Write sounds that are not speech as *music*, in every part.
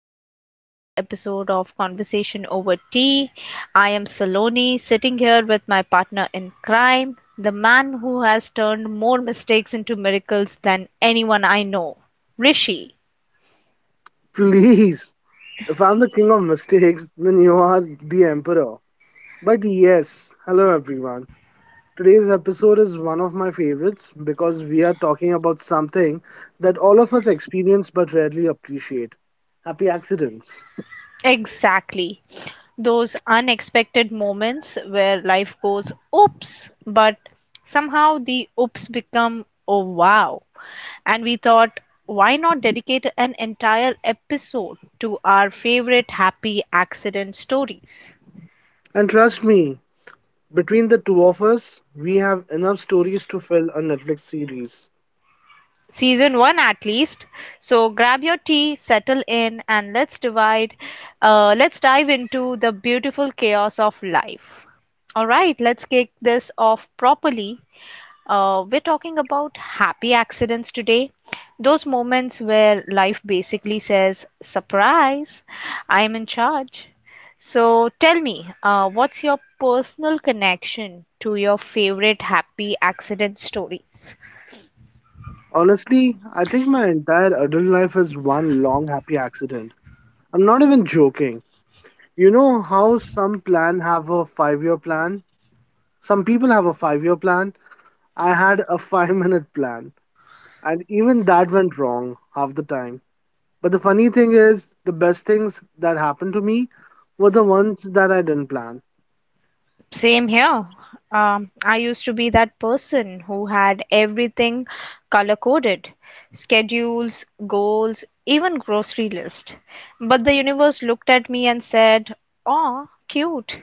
back to another episode of Conversation Over Tea. I am Saloni, sitting here with my partner in crime, the man who has turned more mistakes into miracles than anyone I know, Rishi. Please, if I'm the king of mistakes, then you are the emperor. But yes, hello everyone. Today's episode is one of my favorites because we are talking about something that all of us experience but rarely appreciate, happy accidents. Exactly. Those unexpected moments where life goes oops, but somehow the oops become oh wow. And we thought, why not dedicate an entire episode to our favorite happy accident stories? And trust me, between the two of us, we have enough stories to fill a Netflix series. Season 1 at least. So grab your tea, settle in, and let's dive into the beautiful chaos of life. All right, let's kick this off properly. We're talking about happy accidents today. Those moments where life basically says, surprise, I'm in charge. So tell me, what's your personal connection to your favorite happy accident stories? Honestly, I think my entire adult life is one long happy accident. I'm not even joking. You know how some plan have a 5 year plan? Some people have a 5 year plan. I had a *laughs* 5 minute plan. And even that went wrong half the time. But the funny thing is, the best things that happened to me were the ones that I didn't plan. Same here. I used to be that person who had everything color coded, schedules, goals, even grocery list. But the universe looked at me and said, "Oh, cute.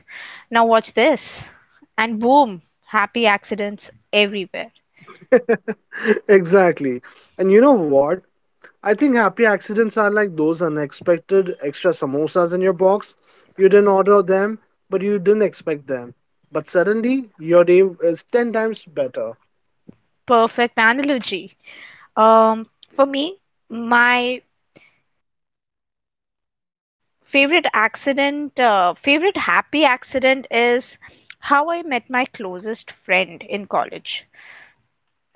Now watch this." And boom, happy accidents everywhere. *laughs* Exactly. And you know what? I think happy accidents are like those unexpected extra samosas in your box. You didn't order them, but you didn't expect them. But suddenly, your day is 10 times better. Perfect analogy. For me, my favorite happy accident is how I met my closest friend in college.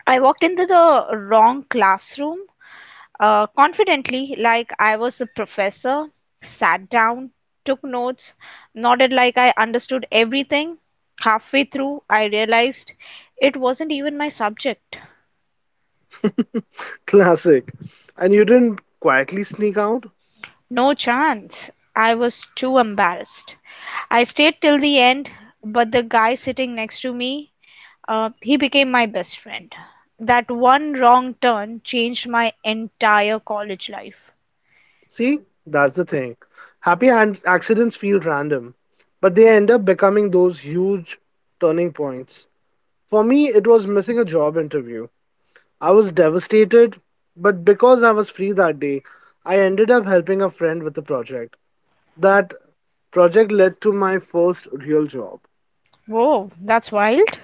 I walked into the wrong classroom, confidently, like I was the professor, sat down, took notes, nodded like I understood everything. Halfway through, I realized it wasn't even my subject. Classic. And you didn't quietly sneak out? No chance. I was too embarrassed. I stayed till the end, but the guy sitting next to me, he became my best friend. That one wrong turn changed my entire college life. See, that's the thing. Happy accidents feel random, but they end up becoming those huge turning points. For me, it was missing a job interview. I was devastated, but because I was free that day, I ended up helping a friend with a project. That project led to my first real job. Whoa, that's wild.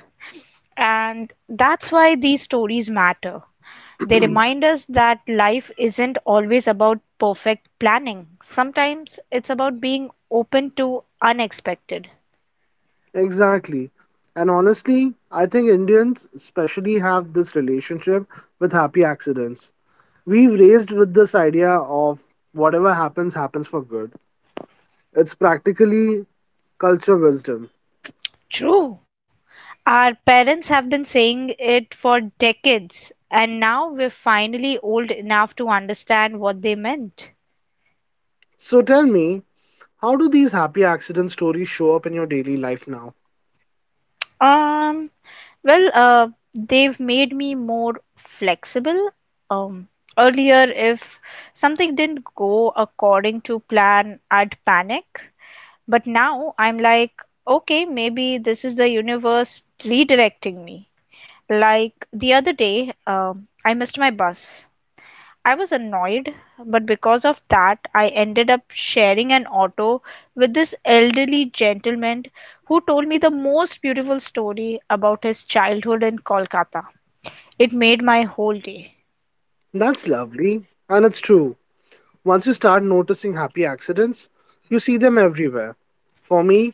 And that's why these stories matter. They remind us that life isn't always about perfect planning, sometimes it's about being open to unexpected. Exactly. And honestly, I think Indians especially have this relationship with happy accidents. We've raised with this idea of whatever happens happens for good. It's practically culture wisdom. True. Our parents have been saying it for decades, and now we're finally old enough to understand what they meant. So tell me, how do these happy accident stories show up in your daily life now? Um, Well, they've made me more flexible. Um, Earlier, if something didn't go according to plan, I'd panic. But now I'm like, okay, maybe this is the universe redirecting me. Like the other day, I missed my bus. I was annoyed, but because of that, I ended up sharing an auto with this elderly gentleman who told me the most beautiful story about his childhood in Kolkata. It made my whole day. That's lovely, and it's true. Once you start noticing happy accidents, you see them everywhere. For me,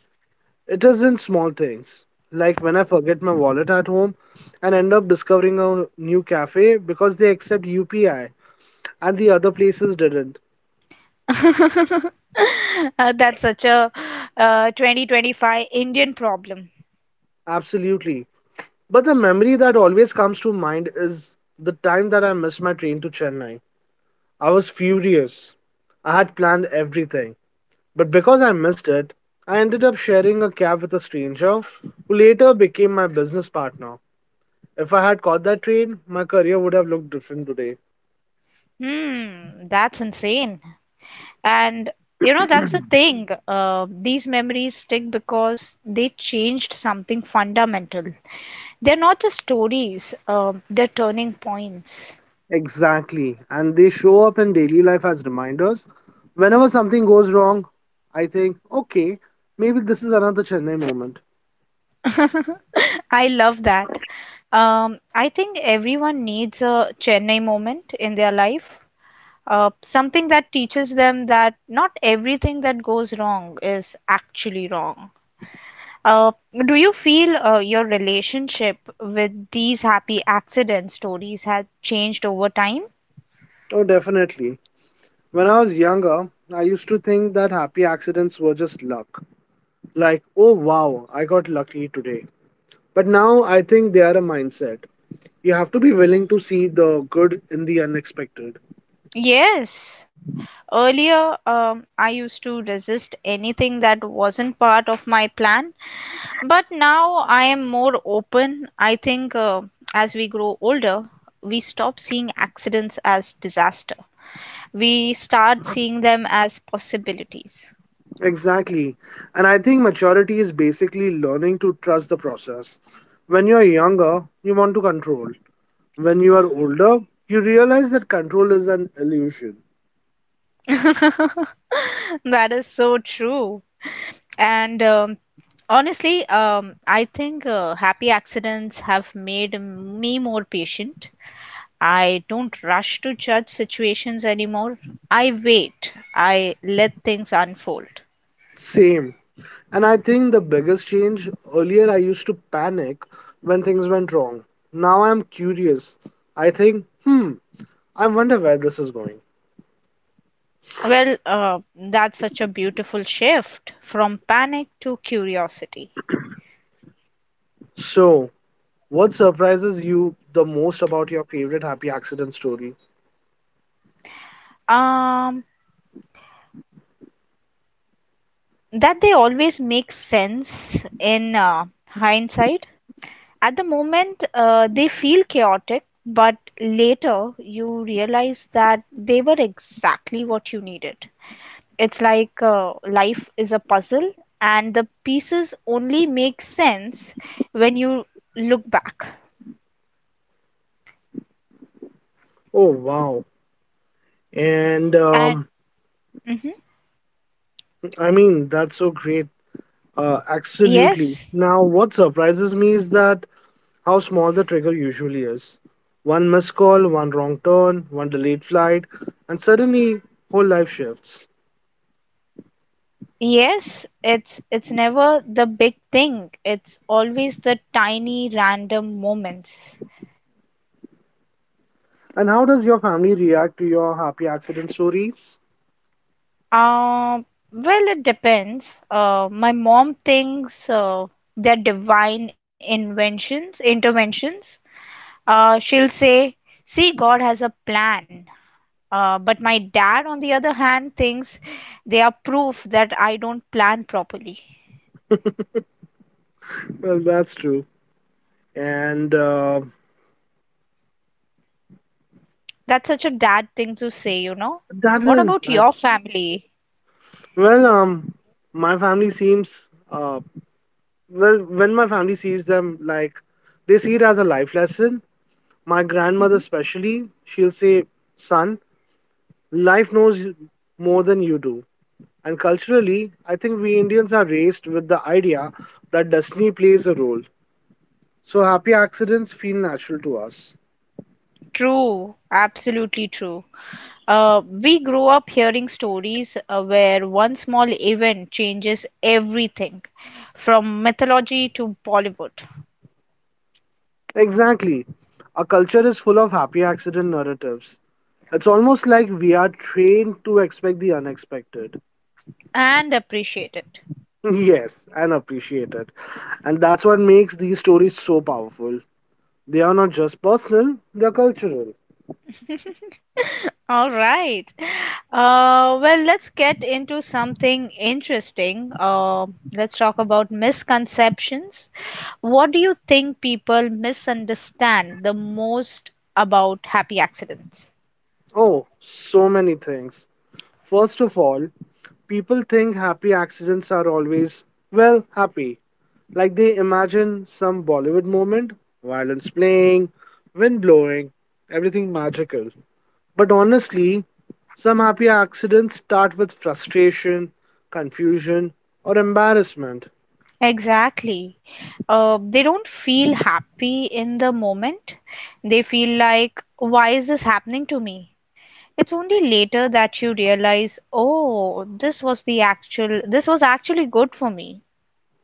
it is in small things, like when I forget my wallet at home and end up discovering a new cafe because they accept UPI and the other places didn't. *laughs* That's such a 2025 Indian problem. Absolutely. But the memory that always comes to mind is the time that I missed my train to Chennai. I was furious. I had planned everything. But because I missed it, I ended up sharing a cab with a stranger who later became my business partner. If I had caught that train, my career would have looked different today. Hmm, that's insane. And that's the thing. These memories stick because they changed something fundamental. They're not just stories, they're turning points. Exactly. And they show up in daily life as reminders. Whenever something goes wrong, I think, okay, maybe this is another Chennai moment. *laughs* I love that. I think everyone needs a Chennai moment in their life. Something that teaches them that not everything that goes wrong is actually wrong. Uh, do you feel your relationship with these happy accident stories has changed over time? Oh, definitely. When I was younger, I used to think that happy accidents were just luck. Like, oh wow, I got lucky today. But now I think they are a mindset. You have to be willing to see the good in the unexpected. Yes. Earlier, I used to resist anything that wasn't part of my plan, but now I am more open. I think as we grow older, we stop seeing accidents as disaster. We start seeing them as possibilities. Exactly. And I think maturity is basically learning to trust the process. When you are younger, you want to control. When you are older, you realize that control is an illusion. *laughs* That is so true. And honestly, I think happy accidents have made me more patient. I don't rush to judge situations anymore. I wait. I let things unfold. Same. And I think the biggest change, earlier, I used to panic when things went wrong. Now I'm curious. I think, hmm, I wonder where this is going. Well, that's such a beautiful shift from panic to curiosity. So, what surprises you the most about your favorite happy accident story? Um, that they always make sense in hindsight. At the moment, they feel chaotic, but later you realize that they were exactly what you needed. It's like life is a puzzle and the pieces only make sense when you look back. Oh, wow. And And mhm. I mean, that's so great. Absolutely. Yes, Now, what surprises me is that how small the trigger usually is. One missed call, one wrong turn, one delayed flight, and suddenly whole life shifts. yes, it's never the big thing, it's always the tiny random moments. And how does your family react to your happy accident stories? uh, well, it depends. My mom thinks they're divine inventions interventions. She'll say, see, God has a plan. But my dad, on the other hand, thinks they are proof that I don't plan properly. Well, that's true. And That's such a dad thing to say. that What is about that. your family? Well, um, my family seems uh, well, when my family sees them, like, they see it as a life lesson. My grandmother, Hmm. especially, she'll say, "Son, life knows more than you do." And culturally, I think we Indians are raised with the idea that destiny plays a role. So happy accidents feel natural to us. True, absolutely true. We grew up hearing stories where one small event changes everything, from mythology to Bollywood, Exactly. Our culture is full of happy accident narratives. It's almost like we are trained to expect the unexpected. and appreciate it. *laughs* Yes, and appreciate it. And that's what makes these stories so powerful. They are not just personal, they're cultural. *laughs* All right. Well, let's get into something interesting. Let's talk about misconceptions. What do you think people misunderstand the most about happy accidents? Oh, so many things. First of all, people think happy accidents are always, well, happy. Like they imagine some Bollywood moment, violins playing, wind blowing, everything magical. But honestly, some happy accidents start with frustration, confusion, or embarrassment. Exactly. They don't feel happy in the moment. They feel like, why is this happening to me? It's only later that you realize, oh, this was actually good for me.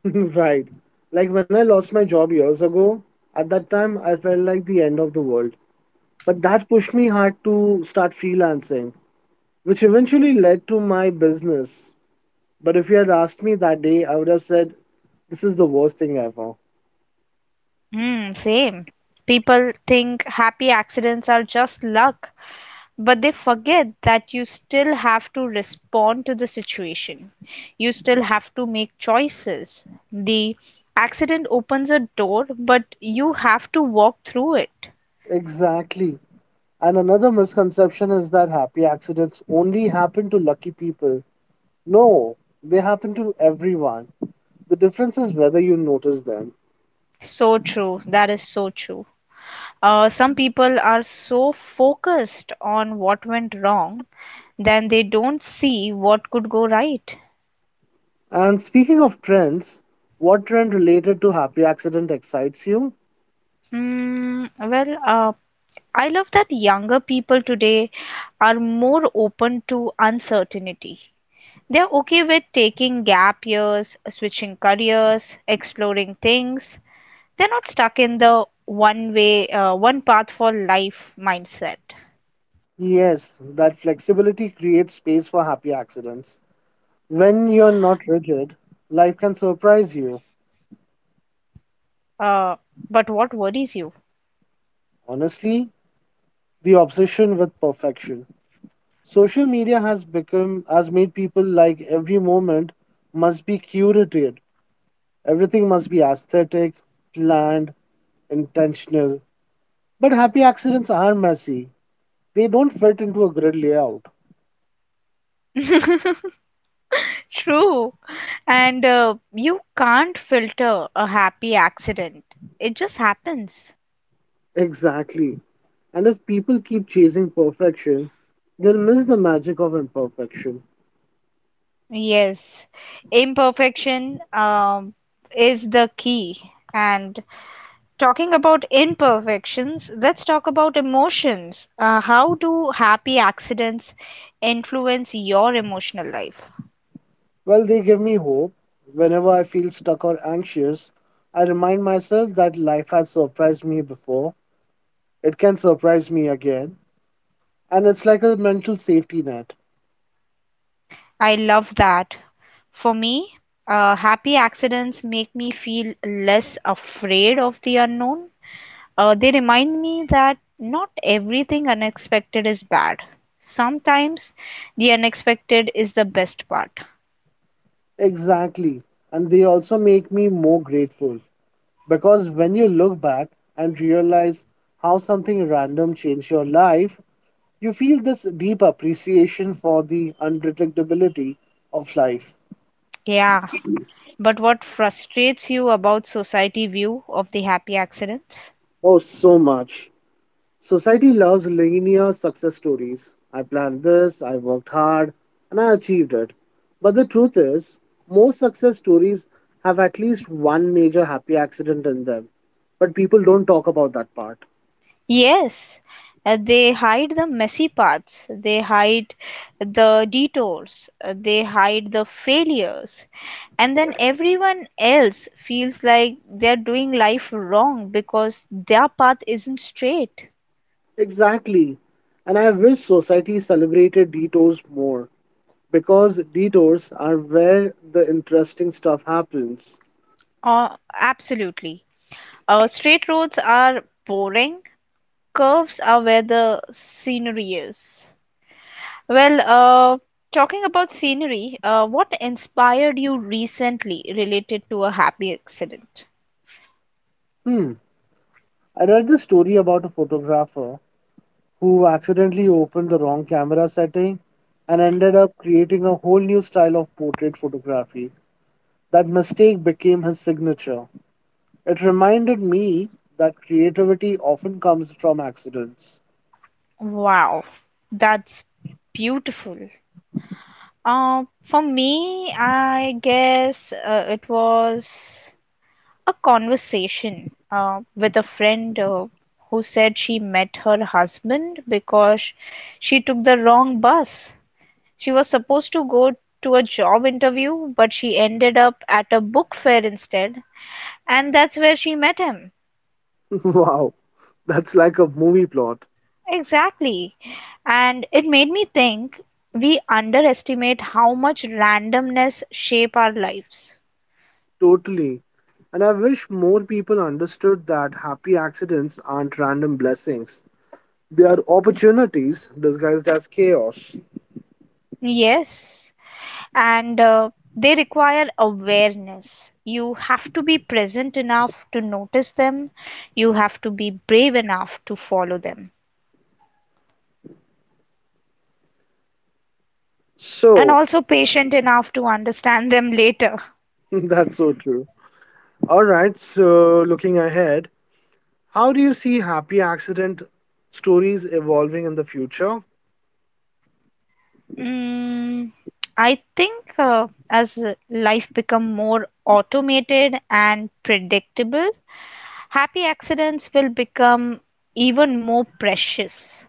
*laughs* Right. Like when I lost my job years ago, at that time I felt like the end of the world. But that pushed me hard to start freelancing, which eventually led to my business. But if you had asked me that day, I would have said, this is the worst thing ever. Hmm, same. People think happy accidents are just luck, but they forget that you still have to respond to the situation. You still have to make choices. The accident opens a door, but you have to walk through it. Exactly. And another misconception is that happy accidents only happen to lucky people. No, they happen to everyone. The difference is whether you notice them. So true. That is so true. Some people are so focused on what went wrong, then they don't see what could go right. And speaking of trends, what trend related to happy accident excites you? Well, I love that younger people today are more open to uncertainty. They're okay with taking gap years, switching careers, exploring things. They're not stuck in the one path for life mindset. Yes, that flexibility creates space for happy accidents. When you're not rigid, life can surprise you. Uh, but what worries you? Honestly, the obsession with perfection. Social media has made people like every moment must be curated. Everything must be aesthetic, planned, intentional. But happy accidents are messy. They don't fit into a grid layout. *laughs* True. And you can't filter a happy accident, it just happens. Exactly. And if people keep chasing perfection, they'll miss the magic of imperfection. Yes, imperfection is the key. And talking about imperfections, let's talk about emotions. How do happy accidents influence your emotional life? Well, they give me hope. Whenever I feel stuck or anxious, I remind myself that life has surprised me before. It can surprise me again. And it's like a mental safety net. I love that. For me, happy accidents make me feel less afraid of the unknown. They remind me that not everything unexpected is bad. Sometimes the unexpected is the best part. Exactly. And they also make me more grateful. Because when you look back and realize how something random changed your life, you feel this deep appreciation for the unpredictability of life. Yeah, but what frustrates you about society view of the happy accidents? Oh, so much. Society loves linear success stories. I planned this, I worked hard, and I achieved it. But the truth is, most success stories have at least one major happy accident in them. But people don't talk about that part. Yes, they hide the messy parts, they hide the detours, they hide the failures, and then everyone else feels like they're doing life wrong because their path isn't straight. Exactly. And I wish society celebrated detours more, because detours are where the interesting stuff happens. Absolutely. Straight roads are boring, curves are where the scenery is. Well, talking about scenery, what inspired you recently related to a happy accident? Hmm. I read this story about a photographer who accidentally opened the wrong camera setting and ended up creating a whole new style of portrait photography. That mistake became his signature. It reminded me that creativity often comes from accidents. Wow, that's beautiful. For me, I guess it was a conversation with a friend who said she met her husband because she took the wrong bus. She was supposed to go to a job interview, but she ended up at a book fair instead, and that's where she met him. *laughs* Wow, that's like a movie plot. Exactly. And it made me think we underestimate how much randomness shape our lives. Totally. And I wish more people understood that happy accidents aren't random blessings. They are opportunities disguised as chaos. Yes. And they require awareness. You have to be present enough to notice them. You have to be brave enough to follow them. And So, also patient enough to understand them *laughs* later. *laughs* that's so true. All right, so looking ahead, how do you see happy accident stories evolving in the future? Mm, I think as life become more automated and predictable, happy accidents will become even more precious.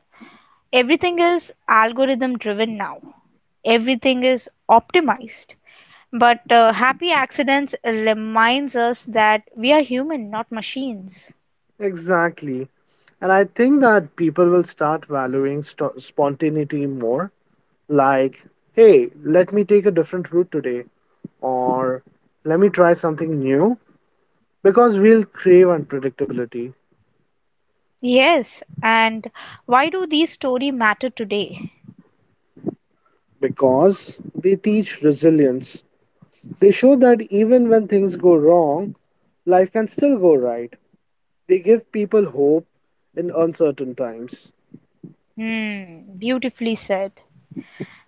Everything is algorithm driven now. Everything is optimized. But happy accidents reminds us that we are human, not machines. Exactly. And I think that people will start valuing spontaneity more. Like, hey, let me take a different route today, or let me try something new. Because we'll crave unpredictability, Yes, and why do these story matter today? because they teach resilience. They show that even when things go wrong, life can still go right. They give people hope in uncertain times. Hmm, beautifully said.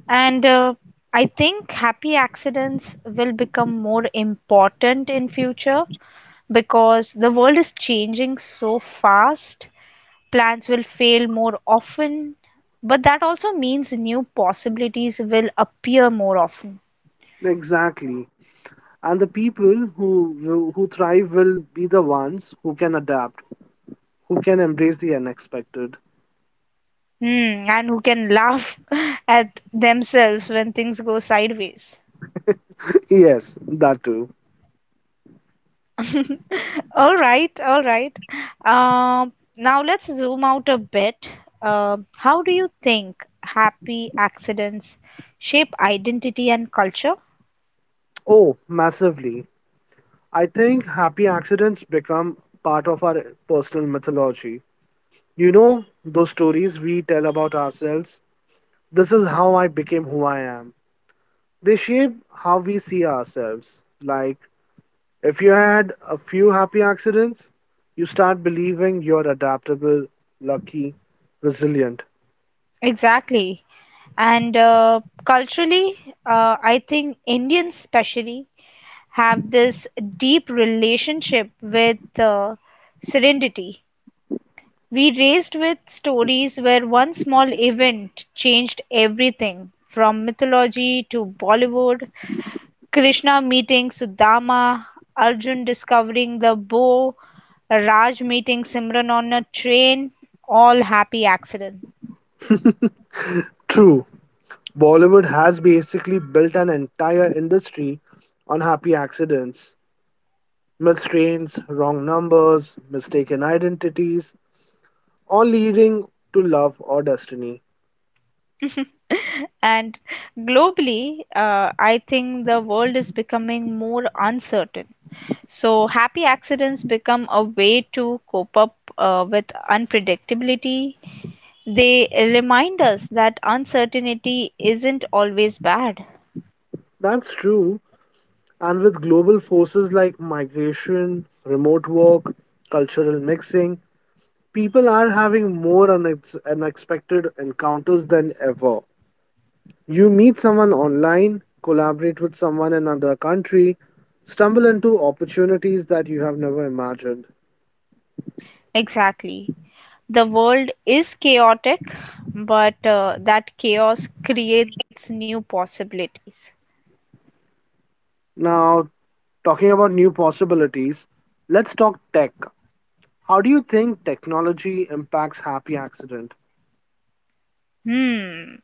And I think happy accidents will become more important in future because the world is changing so fast. Plans will fail more often, but that also means new possibilities will appear more often. Exactly. And the people who who thrive will be the ones who can adapt, who can embrace the unexpected. Hmm, and who can laugh *laughs* at themselves when things go sideways? *laughs* Yes, that too. *laughs* All right, all right. Now let's zoom out a bit. How do you think happy accidents shape identity and culture? Oh, massively. I think happy accidents become part of our personal mythology. You know, those stories we tell about ourselves. This is how I became who I am. They shape how we see ourselves. Like, if you had a few happy accidents, you start believing you're adaptable, lucky, resilient. Exactly. And culturally, I think Indians especially have this deep relationship with serenity. We raised with stories where one small event changed everything from mythology to Bollywood. Krishna meeting Sudama, Arjun discovering the bow, Raj meeting Simran on a train, all happy accidents. True, Bollywood has basically built an entire industry on happy accidents, missed trains, wrong numbers, mistaken identities, all leading to love or destiny. *laughs* And globally, I think the world is becoming more uncertain. So, happy accidents become a way to cope up with unpredictability. They remind us that uncertainty isn't always bad. That's true. And with global forces like migration, remote work, cultural mixing, people are having more unexpected encounters than ever. You meet someone online, collaborate with someone in another country, stumble into opportunities that you have never imagined. Exactly. The world is chaotic, but that chaos creates new possibilities. Now, talking about new possibilities, let's talk tech. How do you think technology impacts happy accident? Hmm.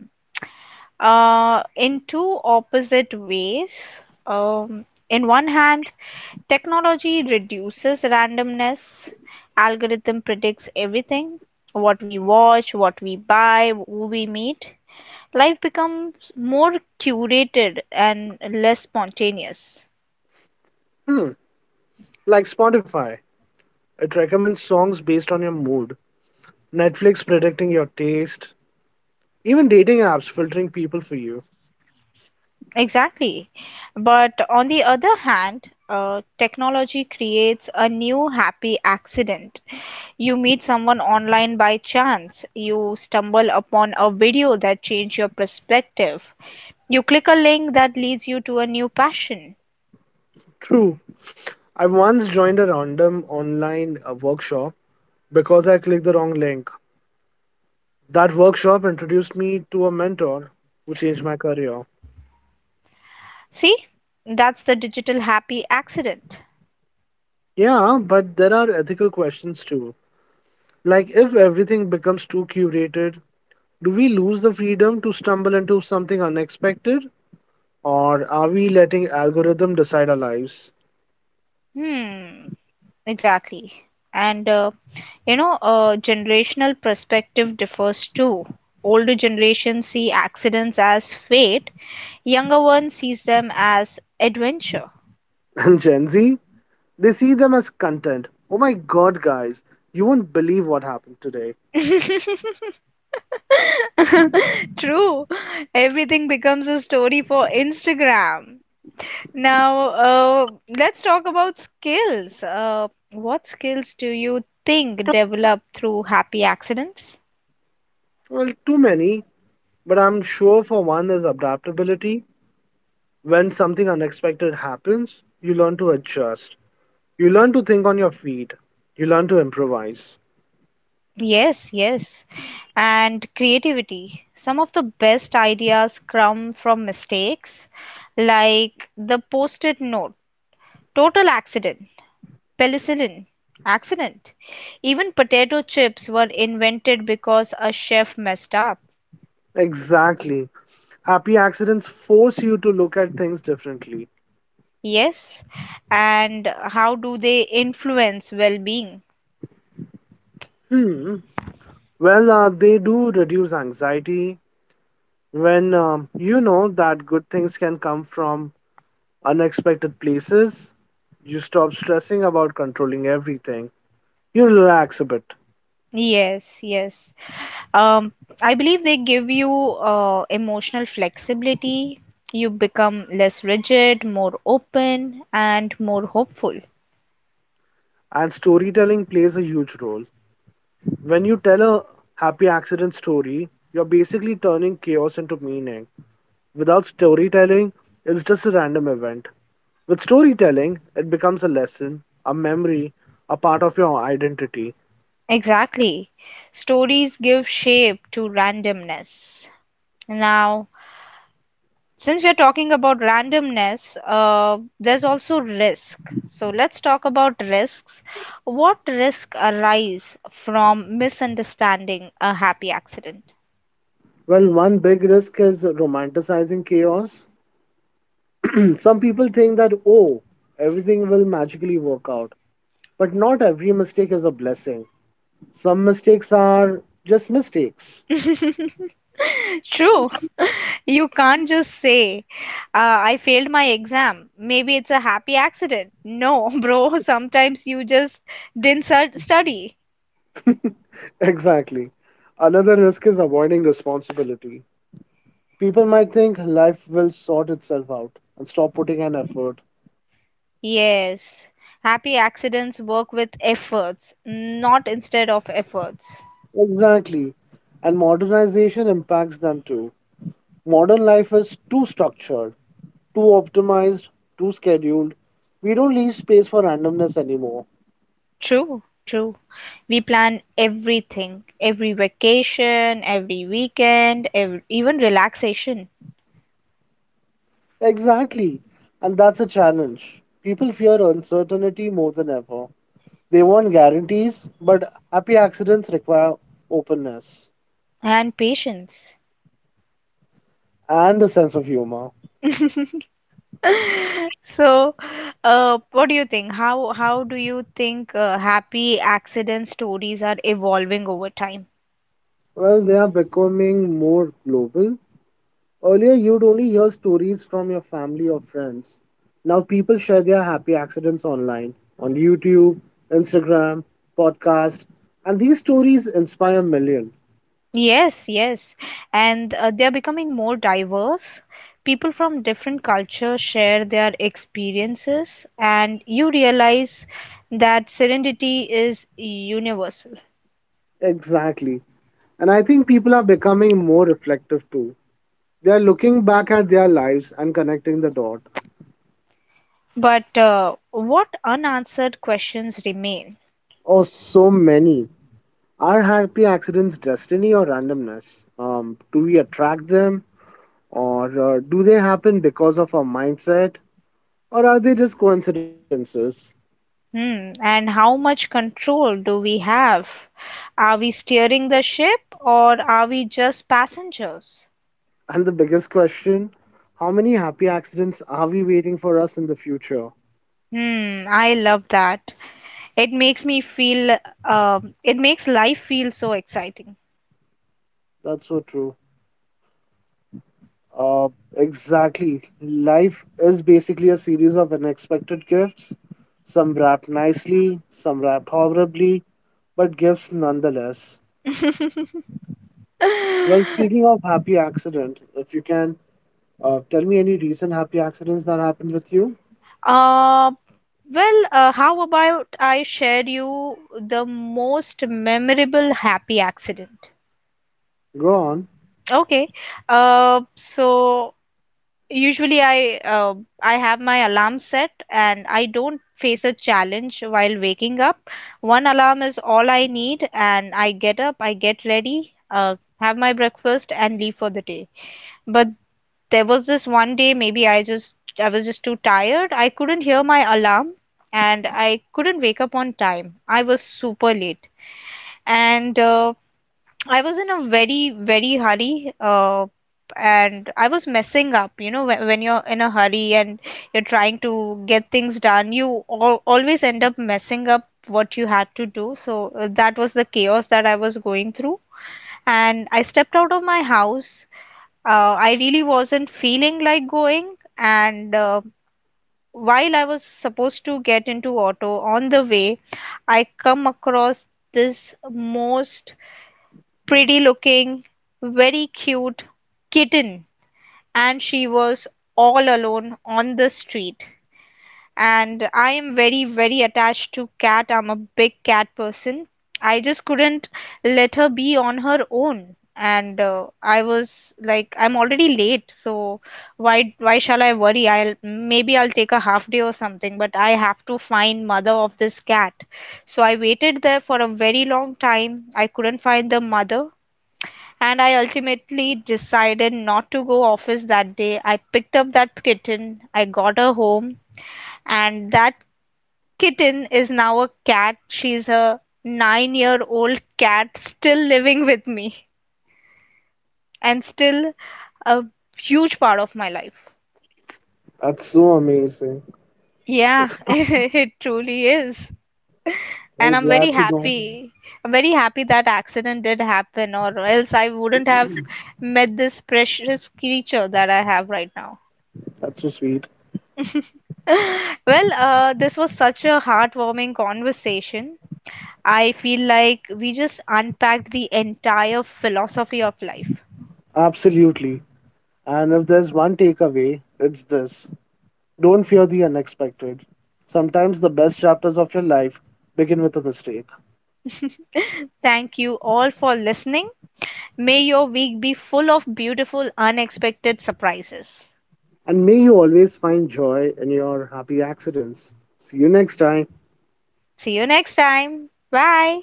In two opposite ways. In one hand, technology reduces randomness. Algorithm predicts everything, what we watch, what we buy, who we meet. Life becomes more curated and less spontaneous. Hmm, like Spotify. It recommends songs based on your mood, Netflix predicting your taste, even dating apps filtering people for you. Exactly. But on the other hand, technology creates a new happy accident. You meet someone online by chance. You stumble upon a video that changes your perspective. You click a link that leads you to a new passion. True. I once joined a random online workshop because I clicked the wrong link. That workshop introduced me to a mentor who changed my career. See? That's the digital happy accident. Yeah, but there are ethical questions too. Like, if everything becomes too curated, do we lose the freedom to stumble into something unexpected? Or are we letting algorithm decide our lives? Hmm, exactly. And generational perspective differs too. Older generations see accidents as fate. Younger one sees them as adventure. *laughs* And Gen Z, they see them as content. Oh my god, guys, you won't believe what happened today. *laughs* True. Everything becomes a story for Instagram. Now, let's talk about skills. What skills do you think develop through happy accidents? Well, too many. But I'm sure for one is adaptability. When something unexpected happens, you learn to adjust. You learn to think on your feet. You learn to improvise. Yes, yes. And creativity. Some of the best ideas come from mistakes, like the post it note, total accident. Penicillin, accident. Even potato chips were invented because a chef messed up. Exactly. Happy accidents force you to look at things differently. Yes. And how do they influence well-being? Hmm. They do reduce anxiety when you know that good things can come from unexpected places. You stop stressing about controlling everything. You relax a bit, Yes, yes. Um, I believe they give you emotional flexibility. You become less rigid, more open, and more hopeful. and storytelling plays a huge role. When you tell a happy accident story, you're basically turning chaos into meaning. Without storytelling, it's just a random event. With storytelling, it becomes a lesson, a memory, a part of your identity. Exactly. Stories give shape to randomness. Now, since we are talking about randomness, there's also risk. So let's talk about risks. What risk arise from misunderstanding a happy accident? Well, one big risk is romanticizing chaos. *clears throat* Some people think that, oh, everything will magically work out. But not every mistake is a blessing. Some mistakes are just mistakes. *laughs* *laughs* True. You can't just say, I failed my exam. Maybe it's a happy accident. No, *laughs* bro, sometimes you just didn't study. Exactly. Another risk is avoiding responsibility. People might think life will sort itself out and stop putting an effort. Yes, happy accidents work with efforts, not instead of efforts. Exactly. And modernization impacts them too. Modern life is too structured, too optimized, too scheduled. We don't leave space for randomness anymore. True, true. We plan everything, every vacation, every weekend, even relaxation. Exactly. And that's a challenge. People fear uncertainty more than ever. They want guarantees, but happy accidents require openness And patience. and a sense of humor. *laughs* So, what do you think? How do you think happy accident stories are evolving over time? Well, they are becoming more global. Earlier, you'd only hear stories from your family or friends. Now, people share their happy accidents online, on YouTube, Instagram, podcast, and these stories inspire millions. Yes, yes. And they are becoming more diverse. People from different cultures share their experiences, and you realize that serenity is universal. Exactly. And I think people are becoming more reflective too. They are looking back at their lives and connecting the dot. But what unanswered questions remain? Oh, so many. Are happy accidents destiny or randomness? Do we attract them? Or do they happen because of our mindset? Or are they just coincidences? Hmm. And how much control do we have? Are we steering the ship or are we just passengers? And the biggest question, how many happy accidents are we waiting for us in the future? Hmm, I love that. It makes me feel, it makes life feel so exciting. That's so true. Uh, exactly. Life is basically a series of unexpected gifts, some wrapped nicely, some wrapped horribly, but gifts nonetheless. *laughs* Well, speaking of happy accident, if you can tell me any recent happy accidents that happened with you, Uh, well, how about I share you the most memorable happy accident? go on. Okay. So usually I have my alarm set and I don't face a challenge while waking up. One alarm is all I need, and I get up, I get ready, have my breakfast, and leave for the day. But there was this one day, maybe I was just too tired, I couldn't hear my alarm, and I couldn't wake up on time. I was super late. And I was in a very, very hurry. And I was messing up, you know, when you're in a hurry and you're trying to get things done, you always end up messing up what you had to do. So that was the chaos that I was going through. And I stepped out of my house. I really wasn't feeling like going, and while I was supposed to get into auto on the way, I come across this most pretty looking, very cute kitten, and she was all alone on the street, and I am very, very attached to cat. I'm a big cat person. I just couldn't let her be on her own. And I was like, I'm already late, so why shall I worry? I'll Maybe I'll take a half day or something, but I have to find mother of this cat. So I waited there for a very long time. I couldn't find the mother, and I ultimately decided not to go office that day. I picked up that kitten. I got her home, and that kitten is now a cat. She's a 9-year-old cat still living with me and still a huge part of my life. That's so amazing. Yeah, *laughs* it truly is. I'm And I'm glad very to know. happy. I'm very happy that accident did happen, or else I wouldn't have met this precious creature that I have right now. That's so sweet. *laughs* Well, this was such a heartwarming conversation. I feel like we just unpacked the entire philosophy of life. Absolutely. And if there's one takeaway, it's this, don't fear the unexpected. Sometimes the best chapters of your life begin with a mistake. *laughs* Thank you all for listening. May your week be full of beautiful, unexpected surprises. And may you always find joy in your happy accidents. See you next time. See you next time. Bye.